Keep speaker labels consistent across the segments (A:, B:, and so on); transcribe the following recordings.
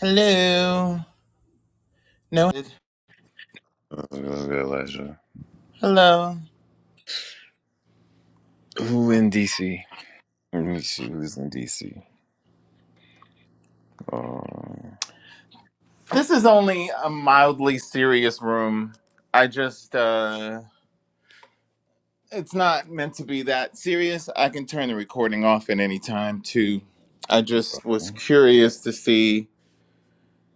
A: Hello. No.
B: It was really good leisure.
A: Hello.
B: Who in DC? Let me see who's in DC. Uh,
A: This is only a mildly serious room. I just uh it's not meant to be that serious. I can turn the recording off at any time too. I just was curious to see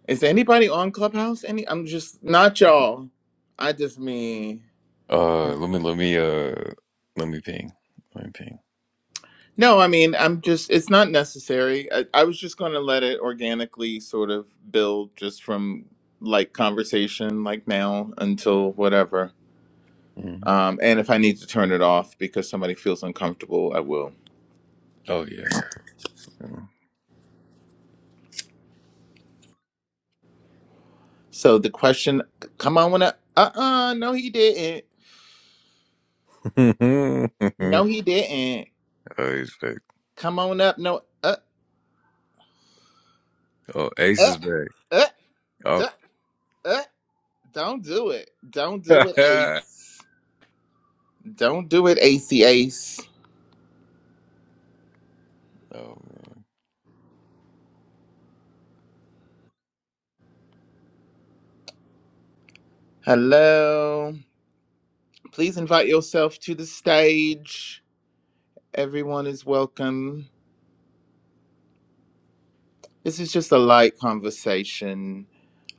A: is anybody on Clubhouse? Any I'm just not y'all. I just mean
B: uh, let me let me uh let me ping. Let me ping.
A: no, I mean I'm just it's not necessary. I, I was just gonna let it organically sort of build just from like conversation like now until whatever.
B: Mhm.
A: Um, and if I need to turn it off because somebody feels uncomfortable, I will.
B: Oh yeah. Mhm.
A: So the question, come on up. Uh uh no, he didn't. No, he didn't.
B: oh, he's back.
A: Come on up. No, uh,
B: Oh, Ace
A: uh,
B: is back.
A: uh, duh,
B: Oh,
A: uh, don't do it. Don't do
B: oh
A: it, Ace. Don't do it, Acey Ace.
B: man.
A: Hello. Please invite yourself to the stage. Everyone is welcome. This is just a light conversation.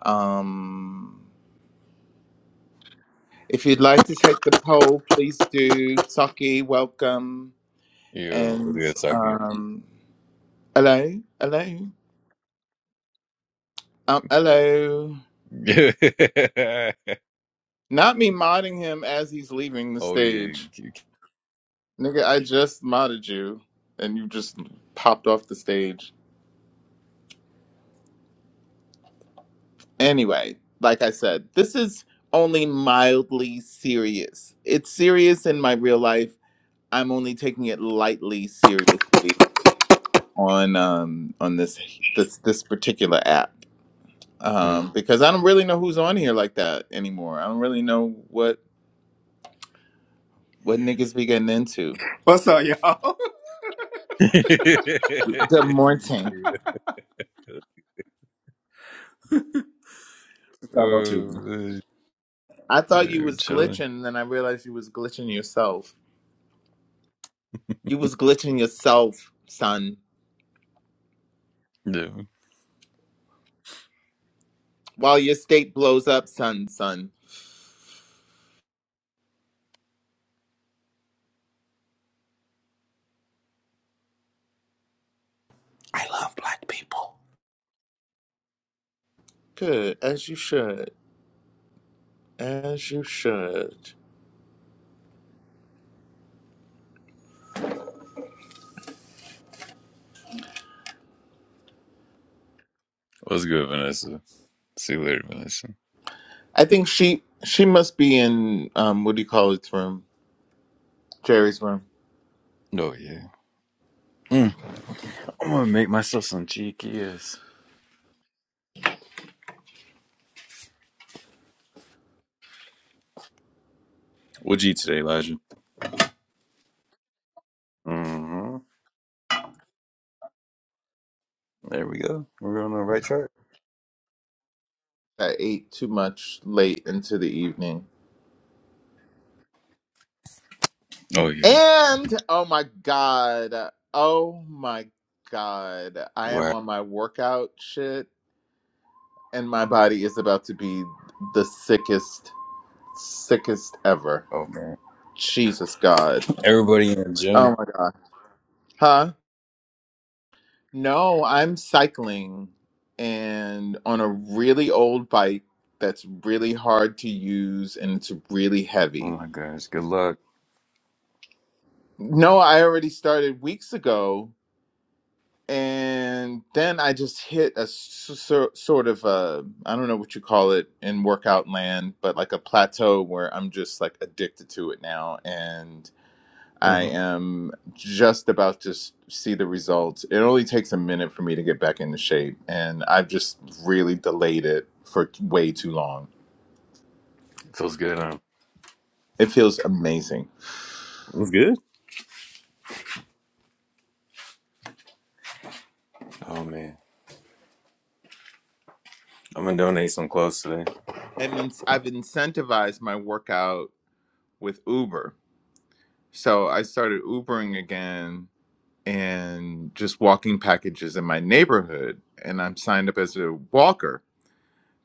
A: Um, If you'd like to take the poll, please do. Saki, welcome.
B: Yeah, what
A: And
B: did I talk to? you?
A: um, hello, hello, um, hello. Not me modding him as he's leaving the
B: oh yeah. You,
A: stage.
B: you,
A: Nigga, I just modded you and you just popped off the stage. Anyway, like I said, this is only mildly serious. It's serious in my real life. I'm only taking it lightly seriously on um on this this this particular app.
B: Hmm.
A: um, because I don't really know who's on here like that anymore. I don't really know what what niggas be getting into.
C: What's up, y'all?
B: yeah.
A: Good morning.
C: It's not no
B: Oh man.
A: I thought you
B: Yeah, we
A: was
B: chilling.
A: glitching, and then I realized you was glitching yourself. You was glitching yourself, son.
B: Yeah.
A: While your state blows up, son, son.
C: I love black people.
A: Good as you should, as you should.
B: What's good, Vanessa? See you later, Vanessa.
A: I think she she must be in um, what do you call it room? Jerry's room.
B: Oh yeah. Mm, I'm gonna make myself some chiquillas. What'd you eat today, Elijah? Mm-hmm. There we go. We're on the right track.
A: I ate too much late into the evening.
B: Oh yeah.
A: And oh my god. Oh my god. I am
B: Wow.
A: on my workout shit and my body is about to be the sickest sickest ever.
B: Oh man.
A: Jesus god.
B: Everybody in the
A: Oh
B: gym.
A: my god. Huh? No, I'm cycling and on a really old bike that's really hard to use and it's really
B: Oh
A: heavy.
B: my gosh. Good luck.
A: No, I already started weeks ago and then I just hit a s- so, sort of a I don't know what you call it in workout land, but like a plateau where I'm just like addicted to it now, and I
B: Mm-hmm.
A: am just about to s- see the results. It only takes a minute for me to get back into shape, and I've just really delayed it for t- way too long.
B: Feels good, huh?
A: It feels amazing.
B: It was good. Oh man. I'm gonna donate some clothes today.
A: I'm in, I've incentivized my workout with Uber, so I started Ubering again and just walking packages in my neighborhood and I'm signed up as a walker,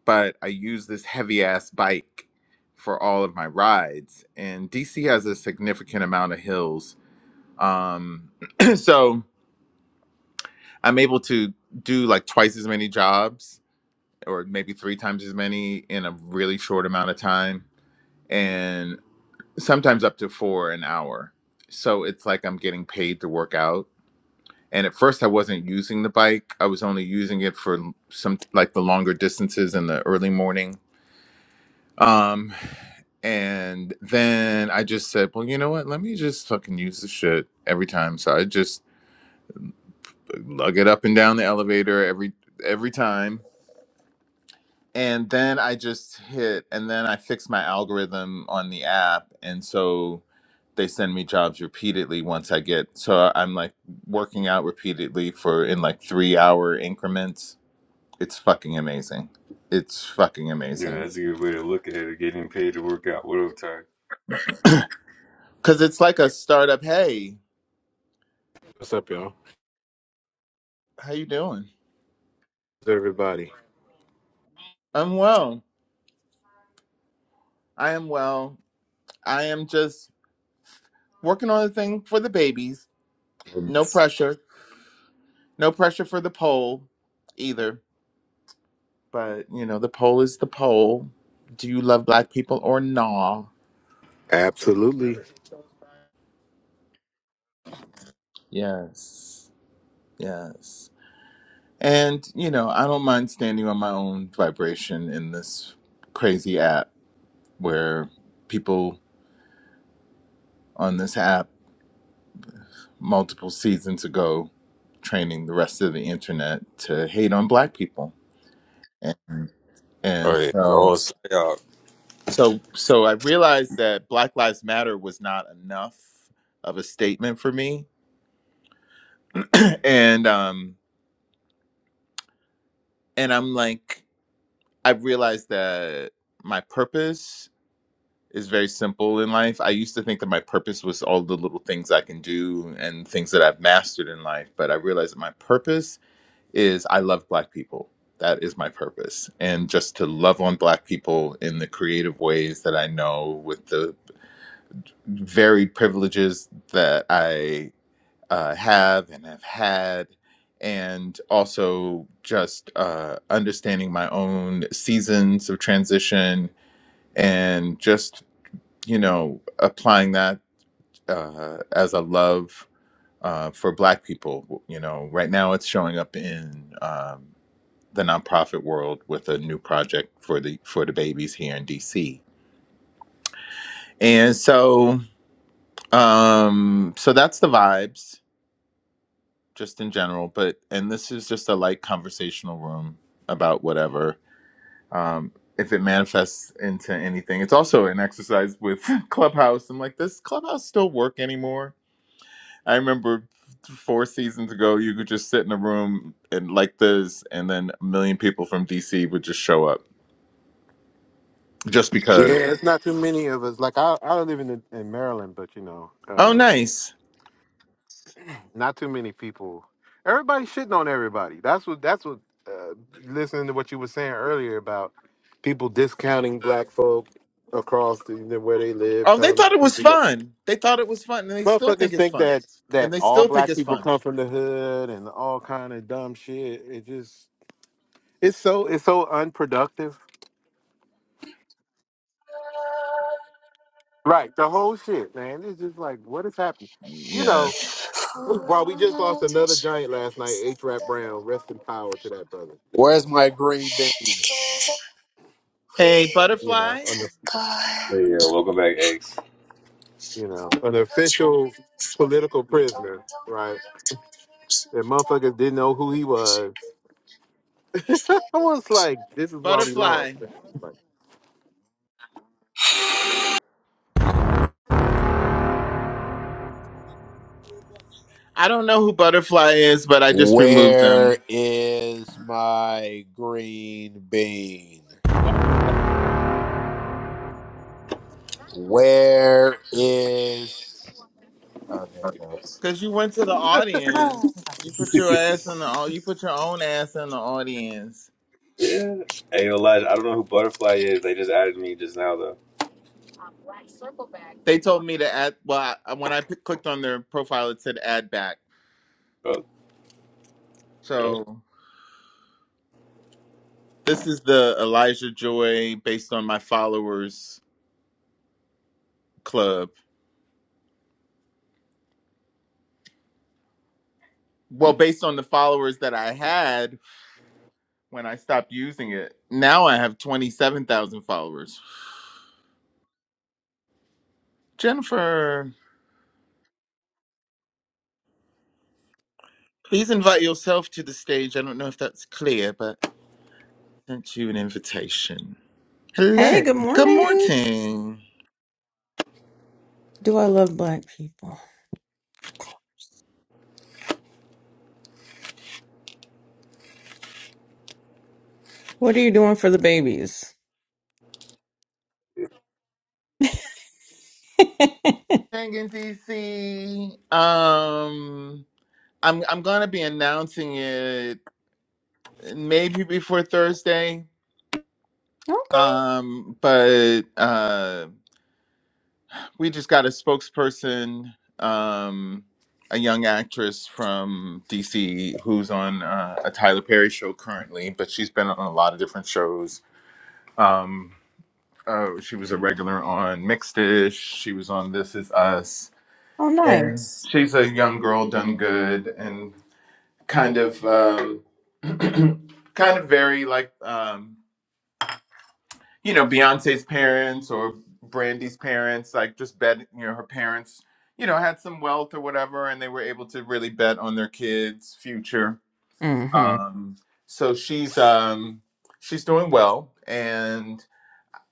A: but I use this heavy ass bike for all of my rides. And DC has a significant amount of hills. Um so I'm able to do like twice as many jobs or maybe three times as many in a really short amount of time and sometimes up to 4 an hour. So it's like I'm getting paid to work out and at first i wasn't using the bike i was only using it for some like the longer distances in the early morning um and then i just said well you know what let me just fucking use the shit every time so i just lug it up and down the elevator every every time and then i just hit and then i fixed my algorithm on the app and so they send me jobs repeatedly once i get so i'm like working out repeatedly for in like 3 hour increments It's fucking amazing. It's fucking
B: Yeah,
A: amazing.
B: that's a good way to look at it. Getting paid to work out. What up, Ty?
A: Cause it's like a startup. Hey,
D: What's up, y'all?
A: how you doing?
D: How's everybody?
A: I'm well. I am well. I am just working on a thing for the babies. No
B: Goodness.
A: pressure. No pressure for the poll either. But you know, the poll is the poll. Do you love black people or nah?
D: Absolutely.
A: Yes. Yes. And you know, I don't mind standing on my own vibration in this crazy app where people on this app multiple seasons ago training the rest of the internet to hate on black people and
B: All
A: and
B: right. The
A: so
B: whole shot.
A: so so i realized that black lives matter was not enough of a statement for me and um and i'm like i realized that my purpose is very simple in life i used to think that my purpose was all the little things i can do and things that i've mastered in life but i realized that my purpose is I love black people. That is my purpose. And just to love on black people in the creative ways that I know with the varied privileges that I uh, have and have had. And also just uh, understanding my own seasons of transition and just, you know, applying that uh, as a love uh, for black people. You know, right now it's showing up in. um, the nonprofit world with a new project for the for the babies here in DC. And so um so that's the vibes just in general, but and this is just a light conversational room about whatever. Um if it manifests into anything. It's also an exercise with Clubhouse. I'm like, does Clubhouse still work anymore? I remember four seasons ago you could just sit in a room and like this and then a million people from DC would just show up just
D: Yeah,
A: because.
D: it's not too many of us. Like I, I live in in Maryland, but you know,
A: Oh
D: um,
A: nice.
D: not too many people. Everybody shitting on everybody. That's what. That's what. Uh, listening to what you were saying earlier about people discounting black folk across the, the- where they live,
A: Oh, they
D: telling
A: thought it was
D: people that
A: fun. They thought it was fun, and they still
D: motherfuckers
A: think it's
D: think
A: fun,
D: that that
A: and they
D: all
A: still think
D: black
A: it's
D: people
A: fun.
D: come from the hood and all kind of dumb shit. It just it's so it's so unproductive Right, the whole shit, man. It's just like, what is happening? You know,
A: Yes.
E: For
D: while we just lost
E: all
D: another
E: this
D: giant last night,
E: earth
D: H.
E: and
D: Rap
E: the
D: Brown, rest in power to
E: world,
D: that brother. You know,
C: Where's my green bean?
E: together
A: Hey,
D: you
E: with
D: know,
A: butterfly,
D: an
E: God,
B: Hey, yeah. Welcome back, X.
D: you
E: who
D: know, an
E: will try
D: official
E: to
D: political
E: reflect on
D: prisoner,
E: the
D: right?
E: world adverse of
D: That motherfuckers
E: doubt
D: didn't know who he
E: as
D: was.
E: it
D: I was
E: reflects
D: like, this is why we
A: butterfly.
D: lost. man. Like,
A: I don't know who butterfly is, but I just removed
C: Where
A: them
C: is my green bean? Where is. Oh, there it goes.
A: because you went to the audience. You put your ass in the au- you put your own ass in the audience.
B: Yeah. Hey, Elijah, I don't know who Butterfly is. They just added me just now, though.
A: They told me to add. Well, I, when I p- clicked on their profile, it said add back.
B: Oh, yeah.
A: So this is the Elijah Joy based on my followers club. Well, based on the followers that I had when I stopped using it. Now I have 27,000 followers. Jennifer, please invite yourself to the stage. I don't know if that's clear, but I sent you an invitation.
F: Hey,
A: Hello.
F: good
A: Good
F: morning.
A: morning.
F: Do I love black people? What are you doing for the babies?
A: Hang in DC. Um, I'm I'm gonna be announcing it maybe before Thursday. Um, but uh. we just got a spokesperson, um, a young actress from DC who's on uh, a Tyler Perry show currently, but she's been on a lot of different shows. Um, uh, she was a regular on Mixed Dish. She was on This Is Us,
F: Oh,
A: and
F: nice.
A: she's a young girl done good and kind of um, kind of very like. Um, you know Beyonce's parents or Brandy's parents, like just bet you know her parents, you know had some wealth or whatever, and they were able to really bet on their kids' future.
F: Mm-hmm.
A: Um, so she's um, she's doing well, and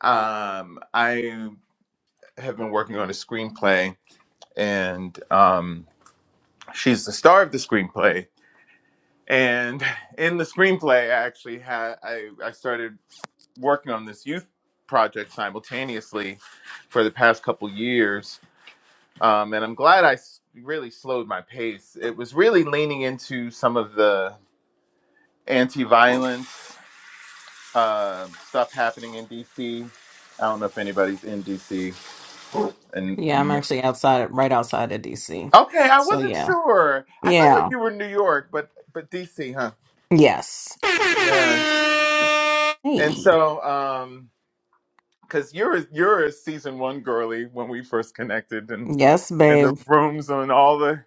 A: um, I have been working on a screenplay, and um, she's the star of the screenplay. And in the screenplay, I actually had I I started working on this youth project simultaneously for the past couple years, um, and I'm glad I s- really slowed my pace. It was really leaning into some of the anti-violence uh, stuff happening in DC. I don't know if anybody's in DC. And
F: Yeah, I'm actually outside, right outside of DC.
A: okay, I
F: So
A: wasn't
F: yeah,
A: sure. I felt like
F: yeah,
A: you were in New York, but but DC, huh?
F: yes.
A: Yes. And
F: Hey,
A: so. Um, because you're you're a season one girly when we first connected and
F: yes,
A: in the
F: babe.
A: rooms and all the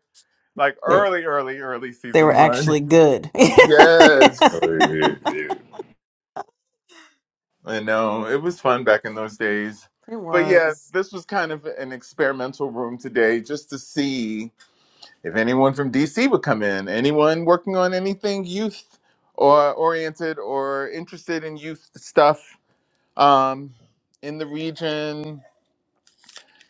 A: like
F: They
A: early early early
F: they
A: season
F: were
A: one
F: actually good.
A: yes
B: Oh, yeah,
A: i know it was fun back in those days
F: It
A: but yeah
F: was.
A: this was kind of an experimental room today just to see if anyone from dc would come in anyone working on anything youth or oriented or interested in youth stuff um in the region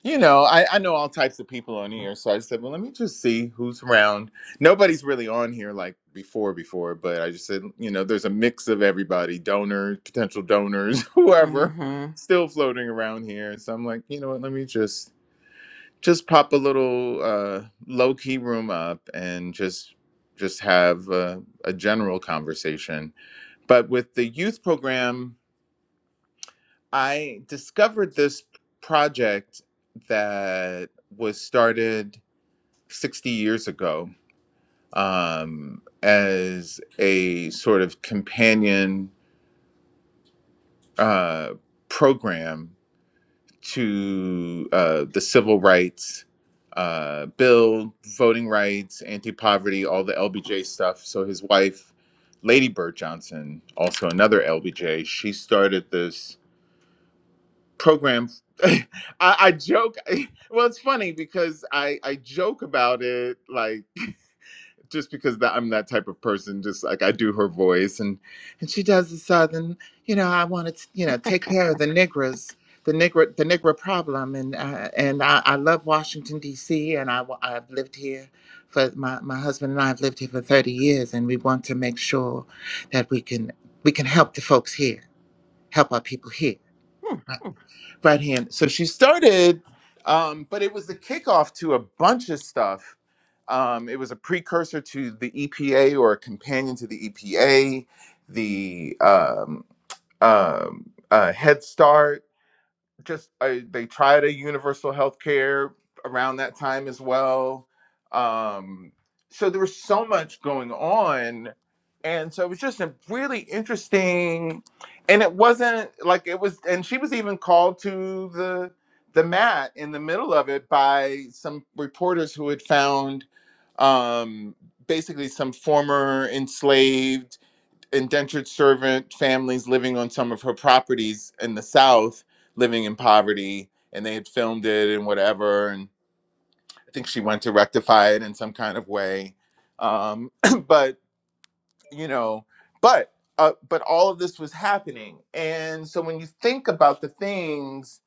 A: you know, I, I know all types of people on here, so I said, well, let me just see who's around. Nobody's really on here like before, before, but I just said, you know, there's a mix of everybody, donors, potential donors, whoever,
F: Mm-hmm.
A: still floating around here. So I'm like, you know what, let me just just pop a little uh, low key room up and just just have a, a general conversation. But with the youth program. I discovered this project that was started 60 years ago um, as a sort of companion uh, program to uh, the civil rights uh, bill, voting rights, anti poverty, all the LBJ stuff. So his wife, Lady Bird Johnson, also another LBJ, she started this program. I, I joke. Well, it's funny because I I joke about it, like just because that I'm that type of person. Just like I do her voice, and and she does the southern. You know, I want to you know take care of the Negroes, the Negro the Negro problem, and uh, and I, I love Washington D.C. and I wa- I've lived here. For my, my husband and I have lived here for 30 years, and we want to make sure that we can we can help the folks here, help our people here right hand. So she started, um, but it was the kickoff to a bunch of stuff. Um, it was a precursor to the EPA or a companion to the EPA, the um, um, uh, Head Start just I, they tried a universal health care around that time as well. Um, so there was so much going on. And so it was just a really interesting, and it wasn't like it was, and she was even called to the the mat in the middle of it by some reporters who had found um, basically some former enslaved indentured servant families living on some of her properties in the South, living in poverty, and they had filmed it and whatever. And I think she went to rectify it in some kind of way. Um, but you know, but uh, but all of this was happening, and so when you think about the things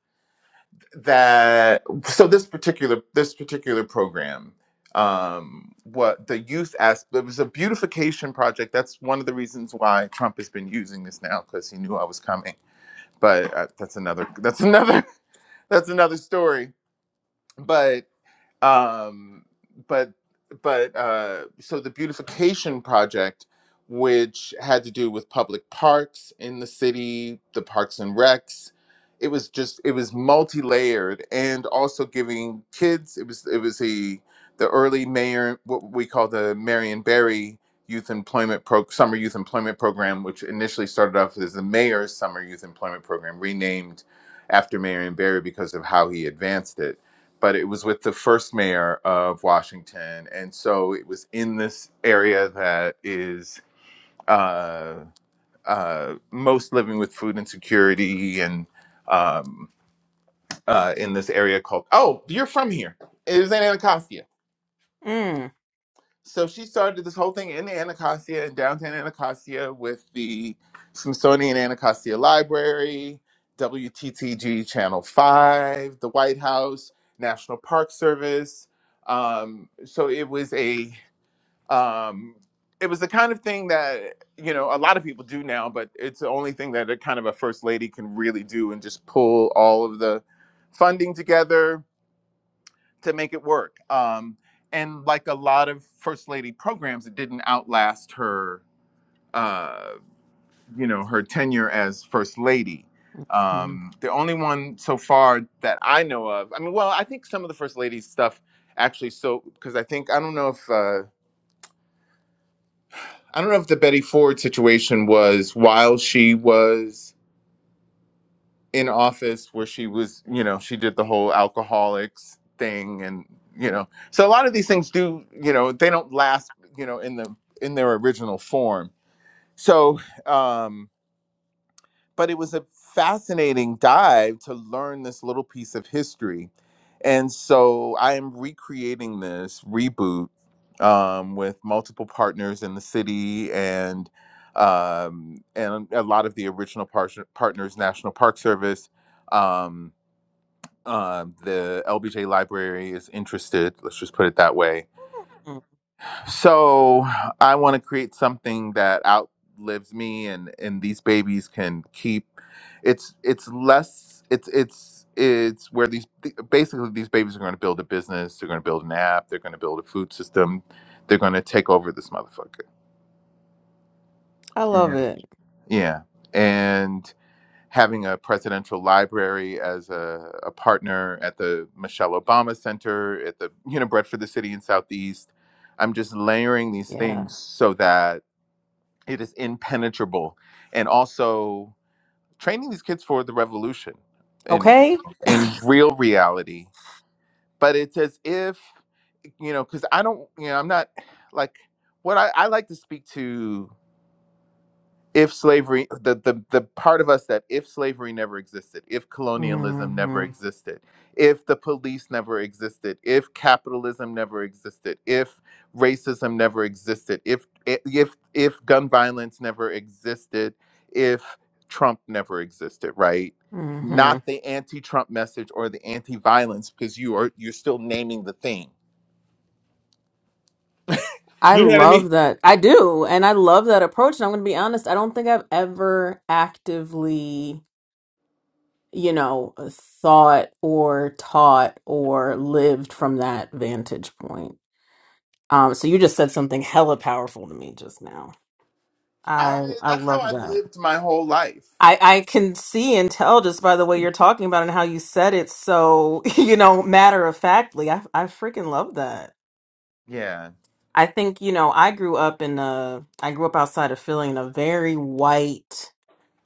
A: that so this particular this particular program um what the youth aspect it was a beautification project that's one of the reasons why trump has been using this now because he knew i was coming but uh, that's another that's another that's another story But um but but uh so the beautification project which had to do with public parks in the city the parks and recs it was just it was multi-layered and also giving kids it was it was a the early mayor what we call the marion barry youth employment pro summer youth employment program which initially started off as the mayor's summer youth employment program renamed after marion barry because of how he advanced it but it was with the first mayor of Washington. And so it was in this area that is uh, uh, most living with food insecurity and um, uh, in this area called, oh, you're from here. It was in Anacostia so she started this whole thing in Anacostia, in downtown Anacostia, with the Smithsonian Anacostia Library, WTTG Channel 5, the White House, National Park Service. Um, so it was a um, it was the kind of thing that you know a lot of people do now, but it's the only thing that a kind of a first lady can really do and just pull all of the funding together to make it work. Um, and like a lot of first lady programs, it didn't outlast her, uh, you know, her tenure as first lady.
F: Mm-hmm.
A: Um, the only one so far that I know of, I mean, well, I think some of the first lady stuff actually. So because I think I don't know if uh, I don't know if the Betty Ford situation was while she was. in office where she was you know she did the whole alcoholics thing and you know so a lot of these things do you know they don't last you know in the in their original form so um but it was a fascinating dive to learn this little piece of history and so i am recreating this reboot um with multiple partners in the city and um and a lot of the original par- partners national park service um um, the LBJ library is interested. Let's just put it that way. So I want to create something that outlives me, and and these babies can keep. It's it's less. It's it's it's where these basically these babies are going to build a business. They're going to build an app. They're going to build a food system. They're going to take over this motherfucker.
F: I love it.
A: Yeah. Yeah. having a presidential library as a, a partner at the Michelle Obama Center, at the you know Bread for the City in Southeast. I'm just layering these
F: Yeah.
A: things so that it is impenetrable, and also training these kids for the revolution in
F: Okay.
A: in real reality. But it's as if you know, because I don't, you know, I'm not like what I, I like to speak to if slavery the, the the part of us that if slavery never existed if colonialism never
F: Mm-hmm.
A: existed if the police never existed if capitalism never existed if racism never existed if if if gun violence never existed if trump never existed right
F: Mm-hmm.
A: not the anti-trump message or the anti-violence because you are you're still naming the thing
F: I
A: you know what i mean
F: love that. I do. And I love that approach. And I'm going to be honest, I don't think I've ever actively, you know, thought or taught or lived from that vantage point. Um, so you just said something hella powerful to me just now.
A: i
F: I I
A: that's how
F: love
A: i've
F: that.
A: lived my whole life
F: I, I can see and tell just by the way you're talking about it and how you said it so, you know, matter of factly. I I freaking love that.
A: yeah
F: I think, you know, I grew up in a, I grew up outside of Philly in a very white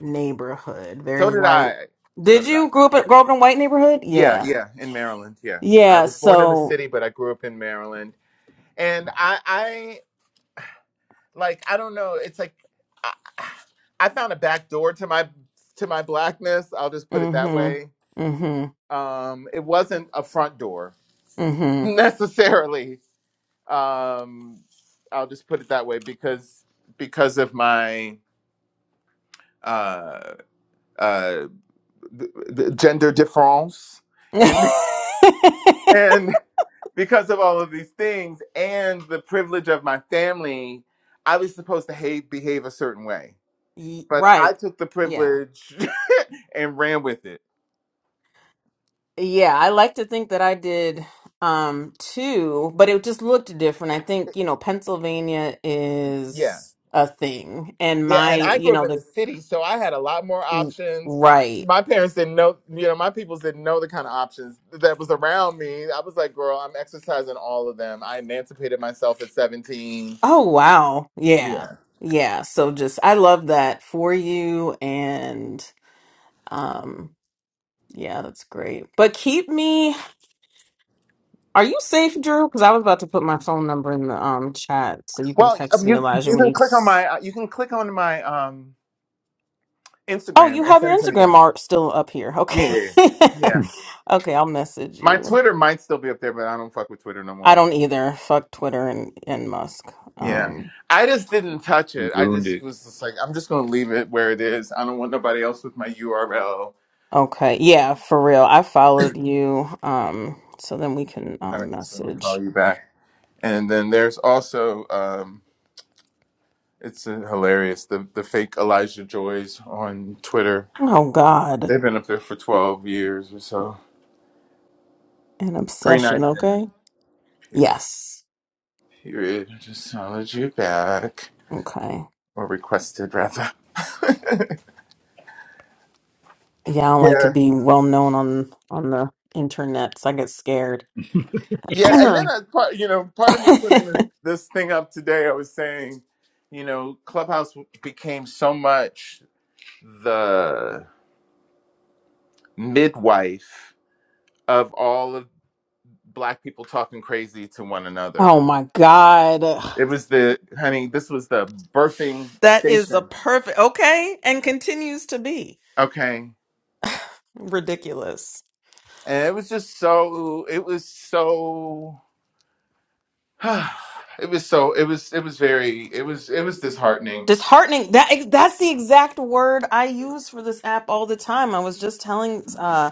F: neighborhood, very
A: So did
F: white.
A: I. So
F: Did
A: did I.
F: you grow
A: Yeah.
F: up, grow up in a white neighborhood?
A: Yeah,
F: Yeah.
A: yeah, in Maryland. Yeah. I
F: Yeah.
A: was born in the
F: So,
A: city, but I grew up in Maryland. And I I like I don't know, it's like I, I found a back door to my to my blackness. I'll just put it that way.
F: mm-hmm, mm-hmm,
A: Um it wasn't a front door necessarily. Um I'll just put it that way because because of my uh uh th- th- gender difference
F: mm-hmm.
A: and and because of all of these things and the privilege of my family, I was supposed to hate, behave a certain way.
F: Y-
A: But I
F: Right.
A: took the
F: Yeah.
A: privilege and ran with it.
F: Yeah, I like to think that I did um too, but it just looked different. I think, you know, Pennsylvania
A: Yeah.
F: is a thing and
A: Yeah.
F: my,
A: And I
F: you
A: grew up
F: know,
A: in the city, so I had a lot more
F: the
A: options.
F: right.
A: My parents didn't know, you know, my peoples didn't know the kind of options that was around me. I was like, girl, I'm exercising all of them. I emancipated myself at 17.
F: Oh wow. Yeah.
A: Yeah.
F: Yeah. So just I love that for you and um yeah, that's great. But keep me Are you safe, Drew? Cuz I was about to put my phone number in the um chat so you can
A: Well,
F: text me
A: you
F: Elijah
A: you
F: when
A: can
F: you
A: click on my uh, you can click on my um
F: Oh, you
A: Instagram and
F: have your
A: send it to me there.
F: Instagram art still up here. Okay.
A: Yeah, yeah.
B: yeah.
F: okay, I'll message
A: My
F: you.
A: Twitter might still be up there, but I don't fuck with Twitter no
F: I
A: more.
F: don't either. Fuck Twitter and and Musk.
A: Yeah,
B: Man,
F: Um
A: I just didn't touch
B: you
A: it. I
B: ruined
A: just
B: it.
A: was just like, I'm just gonna leave it where it is. I don't want nobody else with my URL. All
F: okay. Yeah, for real. I followed you um so then we can
A: right,
F: um
A: so let me
F: message.
A: call you back. And then there's also, um, it's uh, hilarious the the fake Elijah Joys on Twitter.
F: Oh God,
A: They've been up there for 12 years or so.
F: an
A: Green
F: obsession.
A: eyed Jen.
F: Okay.
A: Period.
F: Yes.
A: Period. Just wanted you back
F: Okay.
A: or requested rather.
F: Yeah, I don't like to
A: Yeah.
F: be well known on on the internet. So I get scared.
A: Yeah, and then
F: oh
A: I, part, you know, part of me putting this this thing up today, I was saying, you know, Clubhouse became so much the midwife of all of black people talking crazy to one another.
F: my God,
A: It was the honey, this was the birthing
F: that is a
A: station.
F: perfect. Okay, and continues to be
A: Okay.
F: ridiculous,
A: And it was just so it was so it was so it was it was very it was it was disheartening.
F: disheartening. That that's the exact word I use for this app all the time. I was just telling. Uh,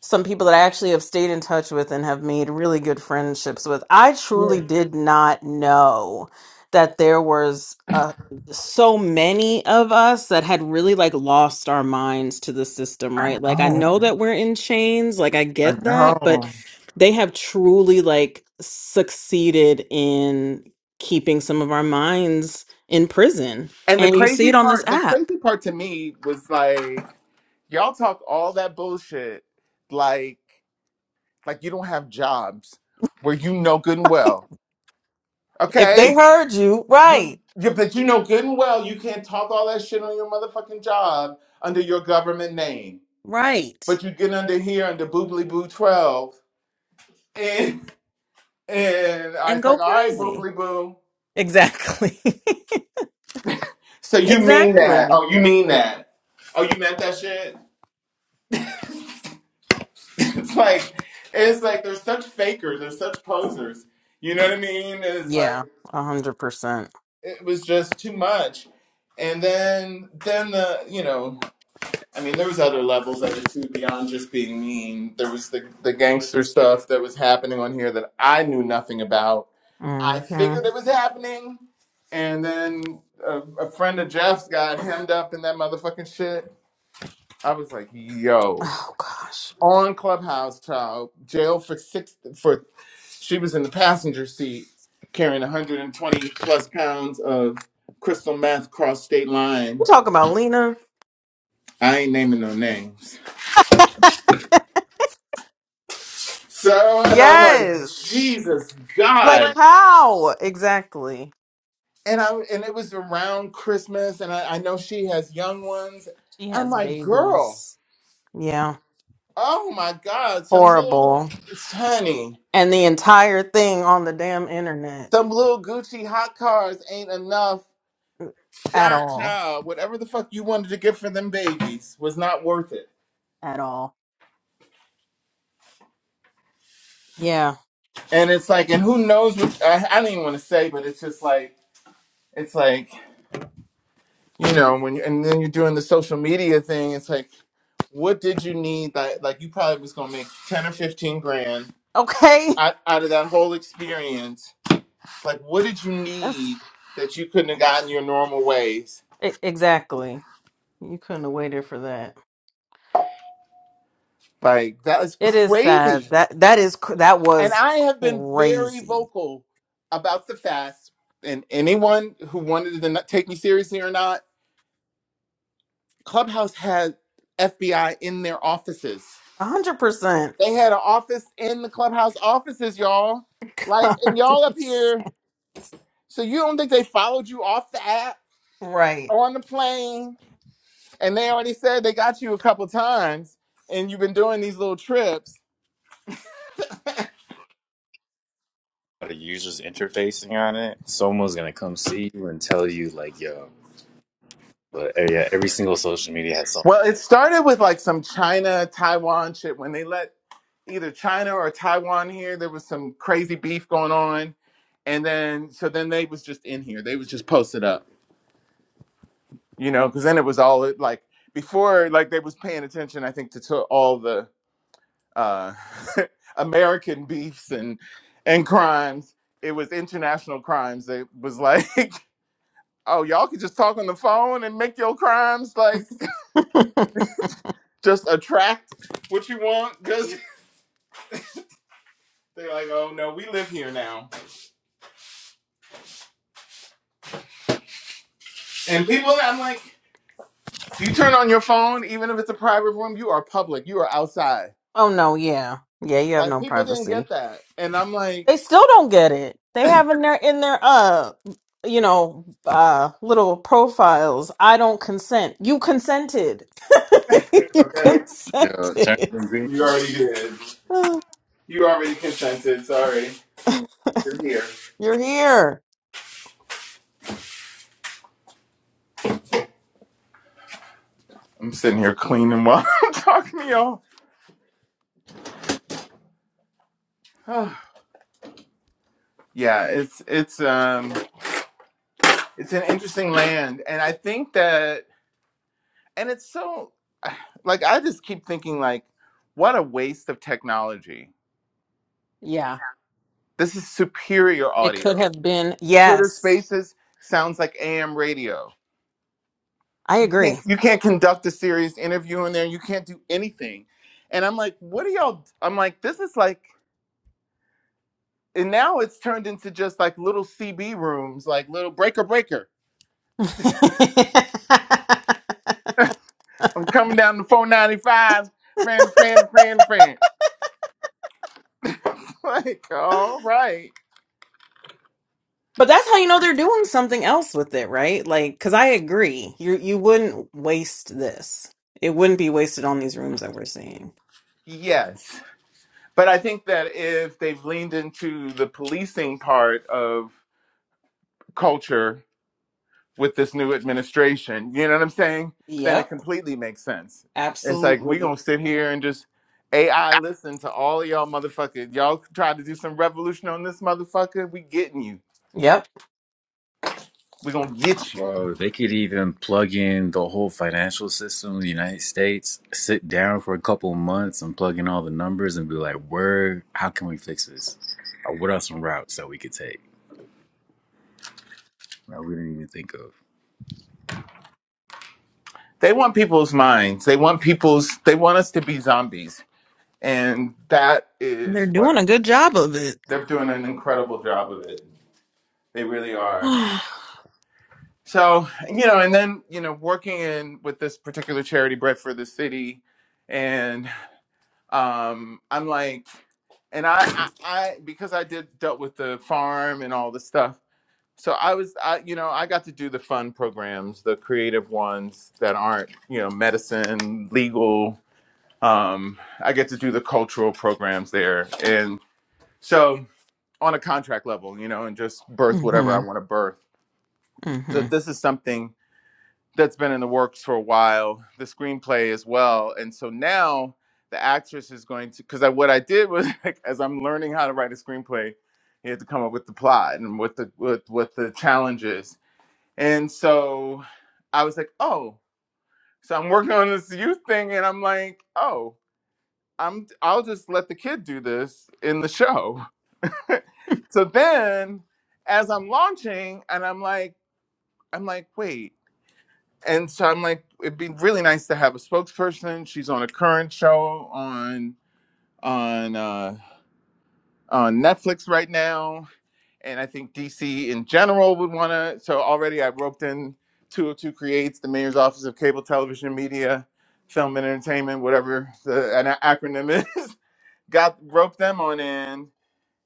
F: some people that I actually have stayed in touch with and have made really good friendships with. I
A: Yeah.
F: truly did not know that there was uh, so many of us that had really like lost our minds to the system,
A: I
F: right? Like I
A: know.
F: know that we're in chains, like I
A: I
F: get that, but
A: know.
F: they have truly like succeeded in keeping some of our minds in prison.
A: And the
F: And you see
A: crazy
F: it on this
A: part, the
F: app.
A: crazy part to me was like, y'all talk all that bullshit, like, like you don't have jobs where you know good and well,
F: If
A: okay?
F: they heard you,
A: You,
F: right,
A: you, but you know good and well you can't talk all that shit on your motherfucking job under your government name.
F: right,
A: But you get under here under boobly boo twelve, and and I
F: and
A: was like,
F: go
A: all right,
F: crazy.
A: boobly boo.
F: Exactly.
A: So you mean that?
F: exactly.
A: Oh, you mean that? Oh, you meant that shit? it's like it's like they're such fakers they're such posers you know what i mean it's like
F: Yeah, a hundred percent.
A: it was just too much and then then the you know i mean there was other levels of it too beyond just being mean there was the, the gangster stuff that was happening on here that i knew nothing about i figured
F: Mm-hmm.
A: it was happening and then a, a friend of jeff's got hemmed up in that motherfucking shit i was like yo
F: Oh gosh,
A: on Clubhouse, child, jailed for six for she was in the passenger seat carrying 120 plus pounds of crystal meth cross state line.
F: you talk about Lena?
A: I ain't naming no names. So and I'm like,
F: Yes.
A: Jesus
F: Like
A: God.
F: how exactly?
A: And I and it was around Christmas, and I, I know she has young ones.
F: She
A: I'm
F: has
A: like, girl,
F: babies. Yeah,
A: oh my God, some little
F: horrible.
A: honey,
F: And the entire thing on the damn internet.
A: some little Gucci hot cars ain't enough
F: At all.
A: Nah, whatever the fuck you wanted to get for them babies was not worth it.
F: At all. Yeah.
A: And it's like, and who knows what I, I don't even want to say, but it's just like, it's like, you know, when you, and then you're doing the social media thing, it's like, what did you need? Like, like you probably was gonna make ten or fifteen grand
F: Okay.
A: out, out of that whole experience. Like, what did you
F: That's
A: need that you couldn't have gotten your normal ways?
F: e- exactly. You couldn't have waited for that.
A: Like, that is
F: It is sad.
A: crazy.
F: That that is cr- that
A: And
F: was
A: I have been very
F: crazy.
A: vocal about the fast. And anyone who wanted to not take me seriously or not, Clubhouse had FBI in their offices.
F: A hundred percent.
A: They had an office in the Clubhouse offices, y'all. Like,
F: A
A: and
F: hundred
A: y'all up
F: percent.
A: here. So you don't think they followed you off the app
F: Right.
A: or on the plane? And they already said they got you a couple times, and you've been doing these little trips.
B: The user's interfacing on it. Someone's gonna come see you and tell you, like, yo, but uh, yeah, every single social media has something.
A: Well, it started with like some China, Taiwan shit when they let either China or Taiwan here. There was some crazy beef going on, and then so then they was just in here. They was just posted up, you know, because then it was all like before, like they was paying attention. I think to, to all the uh, American beefs and and crimes. It was international crimes. It was like, oh, y'all can just talk on the phone and make your crimes like just attract what you want. Just they're like, oh no, we live here now, and people. I'm like. You turn on your phone, even if it's a private room, you are public. You are outside.
F: Oh no, yeah. Yeah, you have
A: Like
F: no
A: people didn't
F: privacy.
A: get that, and I'm like,
F: They still don't get it. They have in their in their uh you know uh little profiles, I don't consent. You consented. you
A: okay,
B: Yeah, terms
F: consented.
B: and
A: you already did. You already consented. Sorry, you're here.
F: You're here.
A: I'm sitting here cleaning while I'm talking to y'all. yeah, it's it's um it's an interesting land, and I think that, and it's so like I just keep thinking like, what a waste of technology.
F: Yeah.
A: This is superior
F: It could
A: audio.
F: have been
A: Twitter
F: yes.
A: Spaces sounds like AM radio
F: I
A: You
F: agree.
A: can't you can't conduct a serious interview in there. You can't do anything. And I'm like, what are y'all? I'm like, this is like, and now it's turned into just like little CB rooms, like little breaker breaker.
F: but
A: I'm coming down to 495, friend, friend, friend, friend. Like, all right.
F: that's how you know they're doing something else with it, right? Like cuz I agree. You you wouldn't waste this. It wouldn't be wasted on these rooms that we're seeing.
A: Yes. But I think that if they've leaned into the policing part of culture with this new administration. You know what I'm saying? Then it
F: Yep,
A: completely makes sense. It's like we
F: absolutely.
A: gonna sit here and just AI listen to all of y'all motherfuckers. Y'all try to do some revolution on this motherfucker. We getting you.
F: Yep.
A: We gonna get you.
B: Bro, they could even plug in the whole financial system of the United States, sit down for a couple months and plug in all the numbers and be like, where, how can we fix this? Or what are some routes that we could take that we didn't even think of?
A: They want people's minds. They want people's. They want us to be zombies, and that
F: And They're
A: is what
F: doing a good job of it.
A: they're doing an incredible job of it. They really are.
F: mhm.
A: So you know, and then you know, working in with this particular charity, Bread for the City, and. Um, I'm like, and I, I, I because I did dealt with the farm and all the stuff. So I was, I, you know, I got to do the fun programs, the creative ones that aren't, you know, medicine, legal. Um, I get to do the cultural programs there, and so on a contract level, you know, and just birth whatever I want to birth. So
F: Mhm.
A: this is something that's been in the works for a while, the screenplay as well. And so now the actress is going to because I, what I did was like, as I'm learning how to write a screenplay, you had to come up with the plot and what the what, what the challenge is. And so I was like, oh, so I'm working on this youth thing, and I'm like, oh, I'm I'll just let the kid do this in the show. so then as I'm launching, and I'm like, I'm like, wait. and so I'm like, it'd be really nice to have a spokesperson. She's on a current show on on uh, on Netflix right now, and I think DC in general would want to. So already I roped in 202 Creates, the Mayor's Office of Cable Television Media, Film and Entertainment, whatever the an acronym is. Got roped them on in,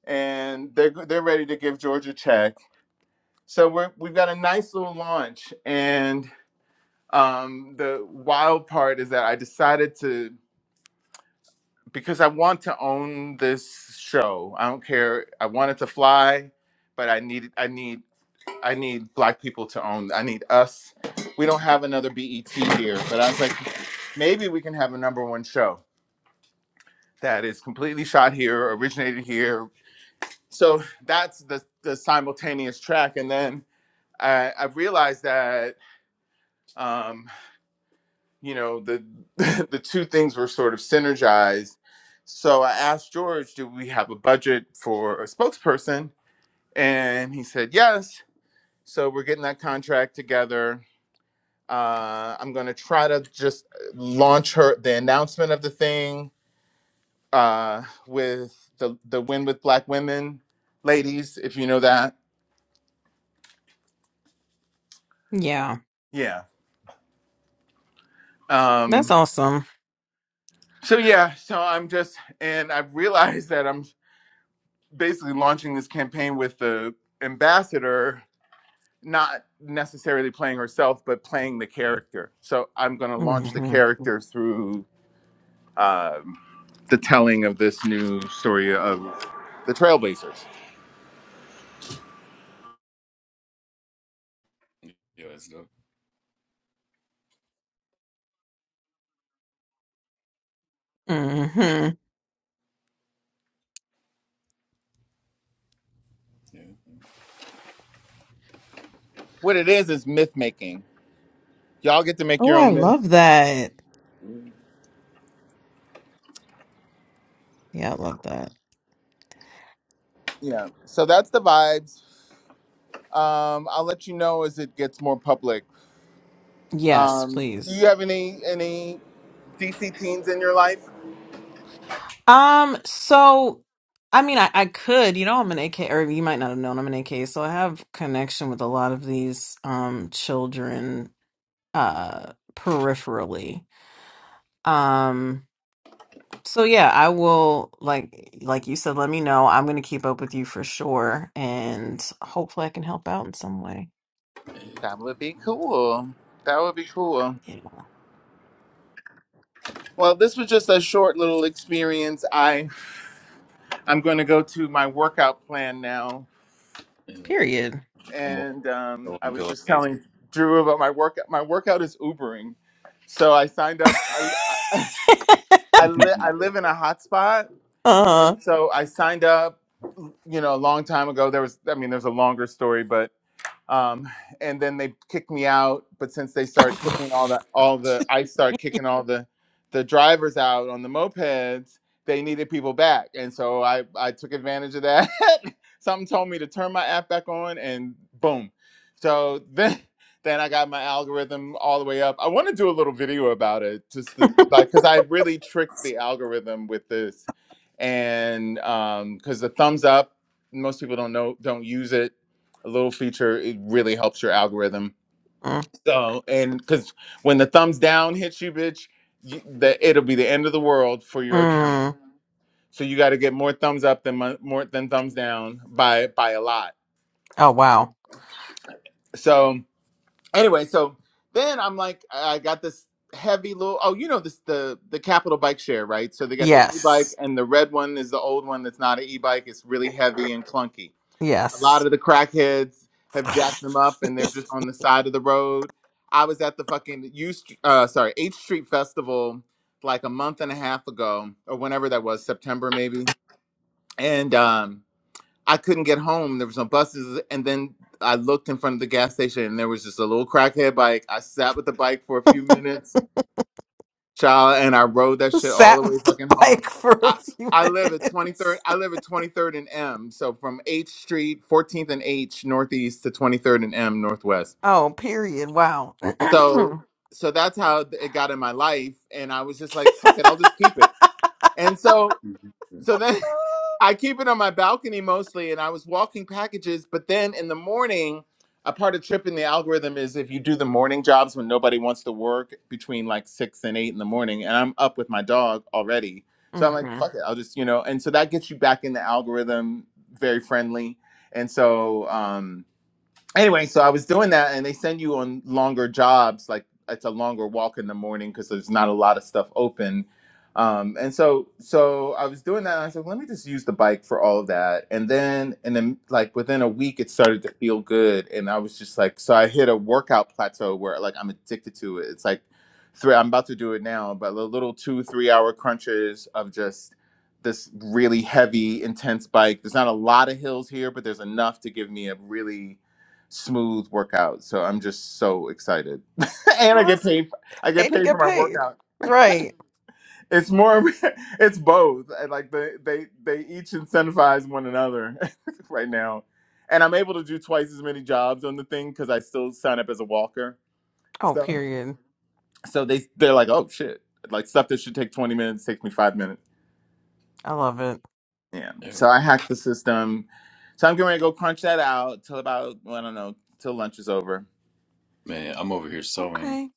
A: and they're they're ready to give Georgia a check. So we're we've got a nice little launch, and. Um, the wild part is that I decided to because I want to own this show. I don't care. I wanted to fly, but I need I need I need black people to own. I need us. We don't have another BET here, but I was like, maybe we can have a number one show that is completely shot here, originated here. So that's the the simultaneous track, and then I, I realized that um, you know the the two things were sort of synergized so i asked george do we have a budget for a spokesperson and he said yes so we're getting that contract together uh, i'm going to try to just launch her the announcement of the thing uh, with the the win with black women ladies if you know that
F: Yeah.
A: yeah
F: That's
A: um
F: awesome.
A: so yeah so i'm just and i've realized that i'm basically launching this campaign with the ambassador not necessarily playing herself but playing the character so i'm going to launch the
F: Mhm.
A: character through the telling of this new story of the trailblazers
B: Yeah, that's dope.
F: Mhm.
B: Yeah.
A: what it is is myth making y'all get to make
F: Oh,
A: your
F: I
A: own myth
F: love that.
B: Ooh,
F: Yeah, I love that.
A: yeah so that's the vibes um i'll let you know as it gets more public
F: Yes,
A: um do
F: please.
A: you have any any dc teens in your life
F: Um, so I mean I, I could, you know, I'm an AK or you might not have known I'm an AK, so I have connection with a lot of these um children uh peripherally. Um so yeah, I will like like you said, let me know. I'm gonna keep up with you for sure and hopefully I can help out in some way.
A: that would be cool that would be cool
F: Yeah.
A: Well, this was just a short little experience. I I'm going to go to my workout plan now,
B: yeah.
F: Period.
B: I'm over
A: and um, I
B: sewing
A: was just
B: pillowcases.
A: telling Drew about my workout. My workout is Ubering, so I signed up. I I, I, li- I live
B: yeah.
A: in a hotspot, and
F: uh,
A: so I signed up. You know, a long time ago. There was I mean, there's a longer story, but um, and then they kicked me out. But since they started kicking all the all the, I started kicking all the the drivers out on the mopeds. They needed people back, and so I I took advantage of that. Something told me to turn my app back on, and boom. So then then I got my algorithm all the way up. I want to do a little video about it, just the, like because I really tricked the algorithm with this, and um because the thumbs up, most people don't know don't use it a little feature it really helps your algorithm
F: mm,
A: so and because when the thumbs down hits you bitch you, that it'll be the end of the world for your account
F: mm.
A: so you got to get more thumbs up than mon- more than thumbs down by by a lot
F: Oh wow.
A: so anyway so then i'm like i got this heavy little oh you know this the the capital bike share right so they got the e-bike
F: Yes.
A: and the red one is the old one that's not an e-bike it's really heavy and clunky A lot
F: Yes.
A: of the crackheads have jacked them up, and they're just on the side of the road. I was at the fucking U, St- uh, sorry, H Street Festival like a month and a half ago, or whenever that was, September maybe, and um, I couldn't get home. There was no buses, and then I looked in front of the gas station, and there was just a little crackhead bike. I sat with the bike for a few minutes child, and I rode that shit all
F: Sat
A: the way
F: with the
A: fucking home.
F: bike for a
A: I
F: few
A: I live at 23rd.
F: minutes.
A: I live at 23rd and M. So from H Street, 14th and H Northeast to 23rd and M Northwest.
F: Oh, period. Wow.
A: So so that's how it got in my life, and I was just like, fuck it, I'll just keep it. And so so then I keep it on my balcony mostly, and I was walking packages. But then in the morning, a part of tripping the algorithm is if you do the morning jobs when nobody wants to work between like six and eight in the morning, and I'm up with my dog already. So I'm like,
F: Mm-hmm.
A: fuck it, I'll just, you know, and so that gets you back in the algorithm very friendly. And so, um, anyway, so I was doing that, and they send you on longer jobs. Like it's a longer walk in the morning because there's not a lot of stuff open. Um, and so, so I was doing that. And I said, let me just use the bike for all of that. And then, and then, like within a week, it started to feel good, and I was just like, so I hit a workout plateau where like I'm addicted to it. It's like three. I'm about to do it now, but the little two, three hour crunches of just this really heavy, intense bike. There's not a lot of hills here, but there's enough to give me a really smooth workout. So I'm just so excited, and I
F: Well,
A: get
F: that's
A: paid. For, I get
F: and you
A: paid for
F: get
A: my
F: paid,
A: workout.
F: right?
A: It's more. It's both. And like they they they each incentivize one another right now, and I'm able to do twice as many jobs on the thing because I still sign up as a walker.
F: Oh,
A: So
F: period.
A: so they they're like, oh shit, like stuff that should take 20 minutes takes me five minutes.
F: I love it.
A: Yeah.
B: Yeah.
A: So I hacked the system. So I'm going to go crunch that out till about well, I don't know till lunch is over.
B: Man, I'm over here sewing.
F: Okay.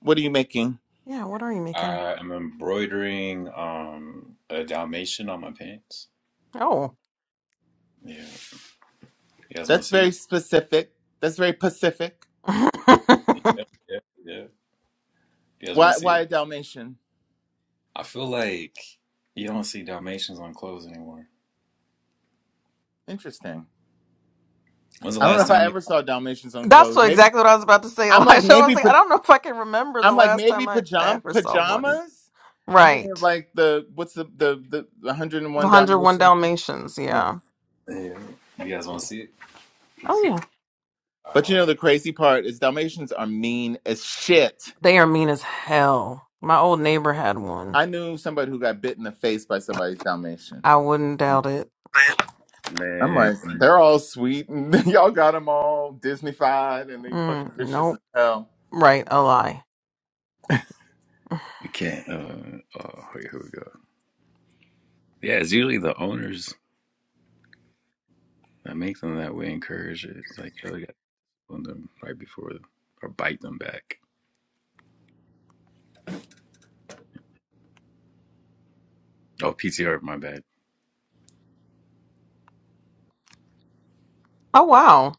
A: What are you making?
F: Yeah. What are you making?
B: I am embroidering um a Dalmatian on my pants.
F: Oh,
B: Yeah. You guys want to
A: That's
B: see
A: very
B: it?
A: specific. That's very Pacific.
F: I
B: Yeah. Yeah. yeah. You guys want
A: Why
B: to see it?
A: why a Dalmatian?
B: I feel like you don't see Dalmatians on clothes anymore.
A: Interesting.
B: When's the
A: I don't know
B: last
A: if
F: don't.
A: I
B: time you?
A: ever saw Dalmatians on
F: That's
A: clothes.
F: what,
A: Maybe
F: exactly what I was about to say,
A: I'm like
F: Elijah. I was
A: maybe
F: like, I
A: pa-
F: don't know if I can remember the
A: I'm like
F: last
A: maybe
F: time I, I
A: pajam-
F: ever saw one.
A: pajamas. I'm thinking of
F: Right.
A: like the what's the the the
F: The
A: 101
F: 101
A: Dalmatian.
F: Dalmatians.
A: Yeah.
F: Yeah.
B: Yeah. You guys want to see it?
F: Oh yeah.
B: All right,
A: But you know
B: hold
A: the crazy part is Dalmatians are mean as shit.
F: They are mean as hell. My old neighbor had one.
A: I knew somebody who got bit in the face by somebody's Dalmatian.
F: I wouldn't doubt it.
B: up.
A: I'm
B: Man,
A: like, they're all sweet and y'all got them all Disneyfied and they fucking
F: Mm,
A: vicious as
F: nope.
A: hell.
F: Right, a lie.
B: we can't. Uh, oh, here we go. Yeah, it's usually the owners that make them that way. Encourage it. It's like oh, we got to on them right before them, or bite them back. Oh, PTR, my bad.
F: Oh wow.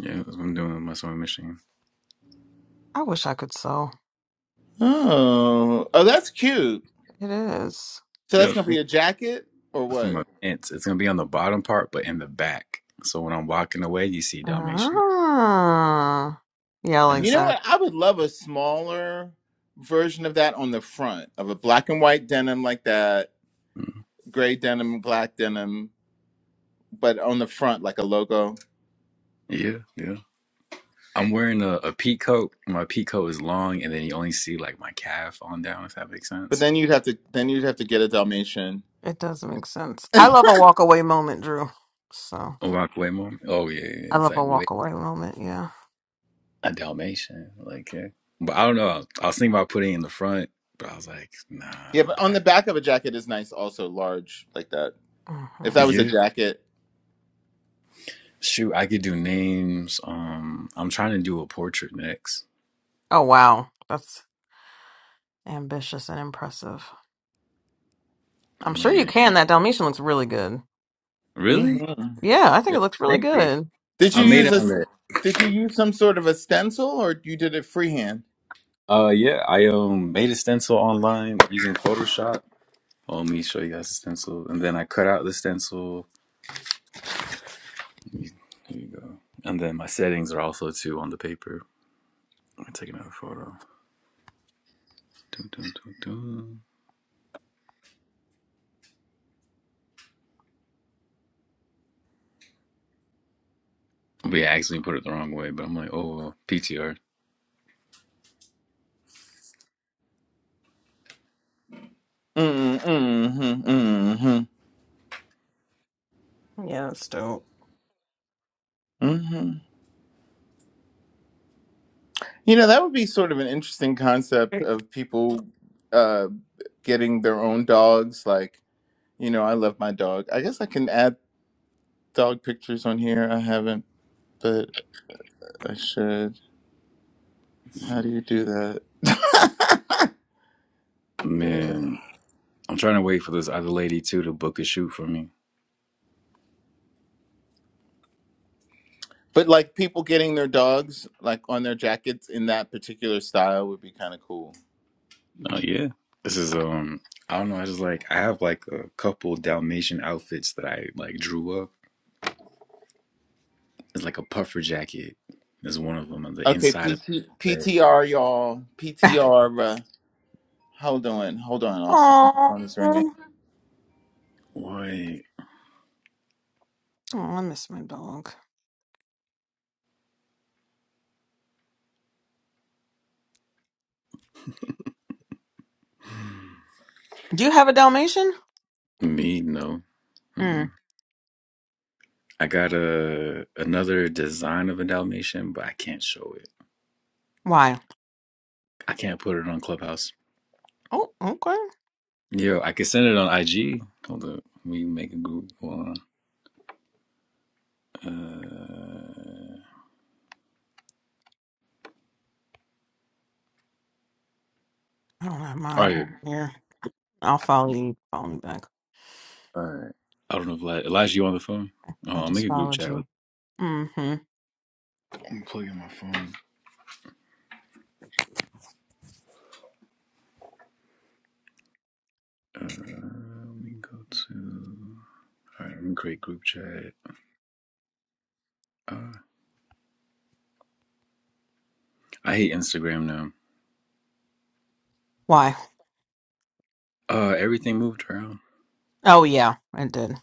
B: Yeah, that's what I'm doing with my sewing machine.
F: I wish I could sew.
A: Oh, oh, that's cute.
F: It is.
A: So that's
B: Yep,
A: gonna be a jacket or
B: that's for
A: what?
B: my pants. It's gonna be on the bottom part, but in the back. So when I'm walking away, you see Dalmatian,
F: Ah. Yeah, I
B: and
F: like
A: You
B: it's
A: know
B: like,
F: that.
A: what? I would love a smaller version of that on the front of a black and white denim like that,
B: mm,
A: gray denim, black denim, but on the front like a logo.
B: yeah, yeah. I'm wearing a, a pea coat. My pea coat is long, and then you only see like my calf on down, if that makes
A: But
B: sense.
A: then you'd have to then you'd have to get a Dalmatian.
F: It does make sense. I love a
A: yeah,
F: walk away moment, Drew. So
B: A rockaway mom. Oh yeah, yeah, yeah.
F: I
B: it's
F: love
B: like
F: a
B: wait,
F: walk away moment, yeah.
B: a Dalmatian, like yeah. But I don't know. I was thinking about putting it in the front, but I was like, nah, the
A: but on the
B: back.
A: back of a jacket is nice, also large like that.
F: hmm
A: If that was a
B: Yeah,
A: jacket,
B: shoot, I could do names. Um, I'm trying to do a portrait next.
F: Oh wow. That's ambitious and impressive. I'm sure you
B: Man,
F: can. That Dalmatian looks really good.
B: really?
A: hmm
F: Yeah, I think
B: Yeah,
F: it looks really
B: thank you.
F: good.
A: did you
B: I made
A: use
B: it
F: hmm
A: a
B: on the.
A: did you use some sort of a stencil or you did it freehand?
B: Uh, yeah, I um made a stencil online using Photoshop. Oh, let me show you guys the stencil, and then I cut out the stencil There you go. And then my settings are also too on the paper. I'm gonna take another photo. Dun, dun, dun, dun. We actually put it the wrong way, but I'm like, oh well, PTR.
A: Mm, mm, mm, mm,
F: Yeah, that's dope.
A: mm. You know, that would be sort of an interesting concept of people uh, getting their own dogs. Like, you know, I love my dog. I guess I can add dog pictures on here. I haven't, but I should. How do you do that? Yeah.
B: Man, I'm trying to wait for this other lady too to book a shoot for me.
A: But like people getting their dogs like on their jackets in that particular style would be kind of cool.
B: Oh yeah. This is um I don't know, I just like I have like a couple Dalmatian outfits that I like drew up. It's like a puffer jacket. Is one of them on the
A: Okay,
B: inside
A: P
B: of
A: T P
B: Right.
A: T R y'all. PTR, bruh. Hold on, hold on. Also, my
F: Aww.
A: phone is ringing.
F: Oh,
B: Why
F: I miss my dog. Do you have a Dalmatian?
B: me no.
F: Hmm.
B: Mm. I got a another design of a Dalmatian, but I can't show it.
F: Why?
B: I can't put it on Clubhouse.
F: Oh, okay.
B: Yo, I can send it on IG. Hold up, we can make a group one. Uh,
F: I don't have
B: all right,
F: mine here. I'll follow you. Follow me back.
B: all right. I don't know if Eli- Elijah you on the phone. Oh,
F: I
B: I'll make
F: just
B: a group
F: followed
B: chat.
F: you.
B: With-
F: Mm-hmm.
B: I'm plugging my phone. Uh, let me go to. All right, let me create group chat. Uh, I hate Instagram now.
F: Why?
B: Uh, everything moved around.
F: Oh yeah, It did.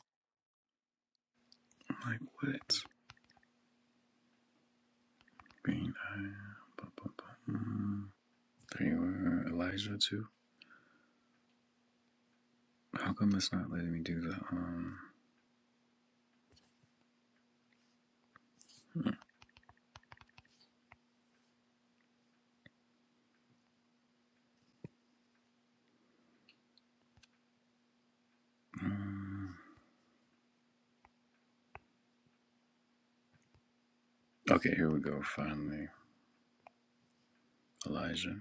B: I'm like what? Green eye. Ba, ba, ba. Mm. Anywhere Elijah too? How come it's not letting me do the um? um, okay, here we go. Finally, Elijah.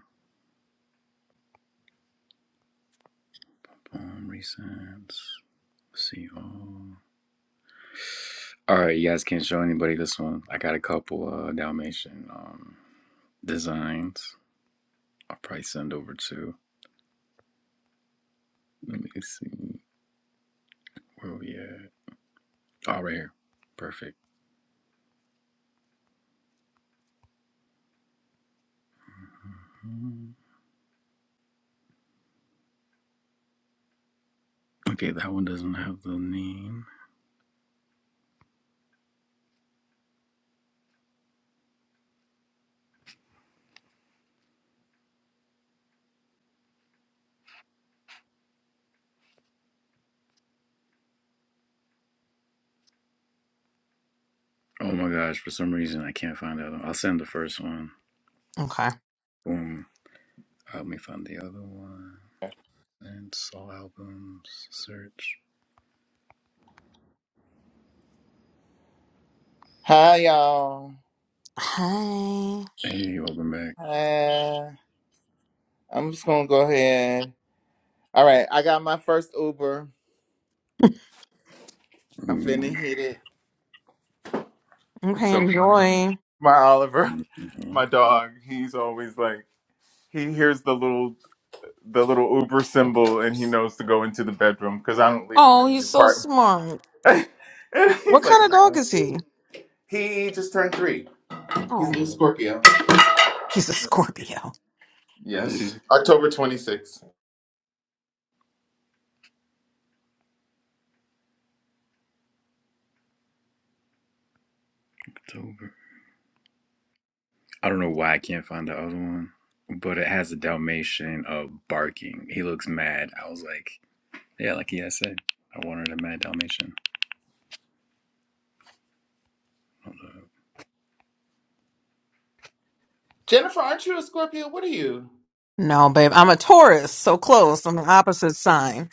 B: Poem recents. See all. All right, you guys can't show anybody this one. I got a couple uh Dalmatian um designs. I'll probably send over to. Let me see where we at. Oh, right here. Perfect. Mm, Okay, that one doesn't have the name. Oh my gosh, for some reason I can't find that. one. I'll send the first one.
F: Okay.
B: Boom. Help me find the other one. And all albums. Search.
A: Hi, y'all.
F: Hi.
B: Hey, welcome back.
A: Uh, I'm just gonna go ahead. All right, I got my first Uber. I'm finna
B: Mm,
A: hit it. It's
F: Okay,
A: so funny.
F: enjoy.
A: My Oliver, my
B: mhm.
A: dog, he's always like he hears the little the little Uber symbol and he knows to go into the bedroom because I don't leave him
F: Oh,
A: in the
F: he's so
A: apartment.
F: smart.
A: and he's
F: What
A: like,
F: kind of
A: oh,
F: dog is
A: that's it.
F: he?
A: He just turned three. He's a little
F: Oh,
A: Scorpio.
F: he's a
A: Nobody-
F: Scorpio.
A: Yes. October 26th.
B: October. I don't know why I can't find the other one, but it has a Dalmatian uh, barking. He looks mad. I was like, yeah, like he had said, I wanted a mad Dalmatian.
A: Jennifer, aren't you a Scorpio? What are you?
F: No, babe, I'm a Taurus, so close. I'm the opposite sign.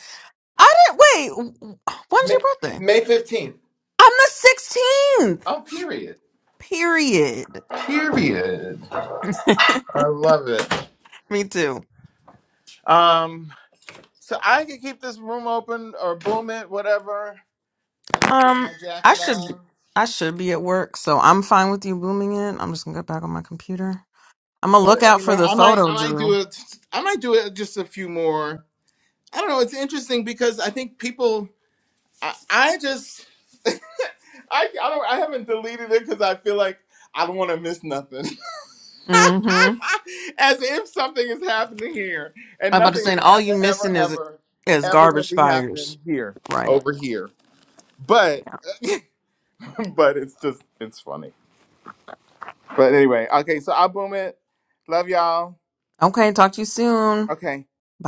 F: I didn't wait. w- When's your
A: May,
F: birthday?
A: May 15th.
F: I'm the 16th.
A: Oh, period.
F: Period.
A: Period. I love it.
F: Me too.
A: Um, so I could keep this room open or boom it, whatever. I Get my
F: Um, I
A: jacket
F: should
A: on.
F: I should be at work, so I'm fine with you booming it. I'm just gonna get back on my computer. I'm gonna
A: But
F: look out
A: you
F: for
A: know,
F: the
A: I might,
F: photo,
A: I might do
F: Drew.
A: it. I might do it just a few more. I don't know. It's interesting because I think people. I, I just I I don't I haven't deleted it because I feel like I don't want to miss nothing.
F: Mm-hmm.
A: As if something is happening here, and
F: I'm about to
A: nothing
F: say,
A: is
F: and all you
A: ever, ever,
F: missing is
A: ever,
F: is
A: ever gonna
F: garbage
A: be
F: fires.
A: happening here,
F: Right.
A: over here. But,
F: Yeah.
A: but it's just, it's funny. But anyway, okay. So I boom it. Love y'all.
F: Okay. Talk to you soon.
A: Okay.
F: Bye.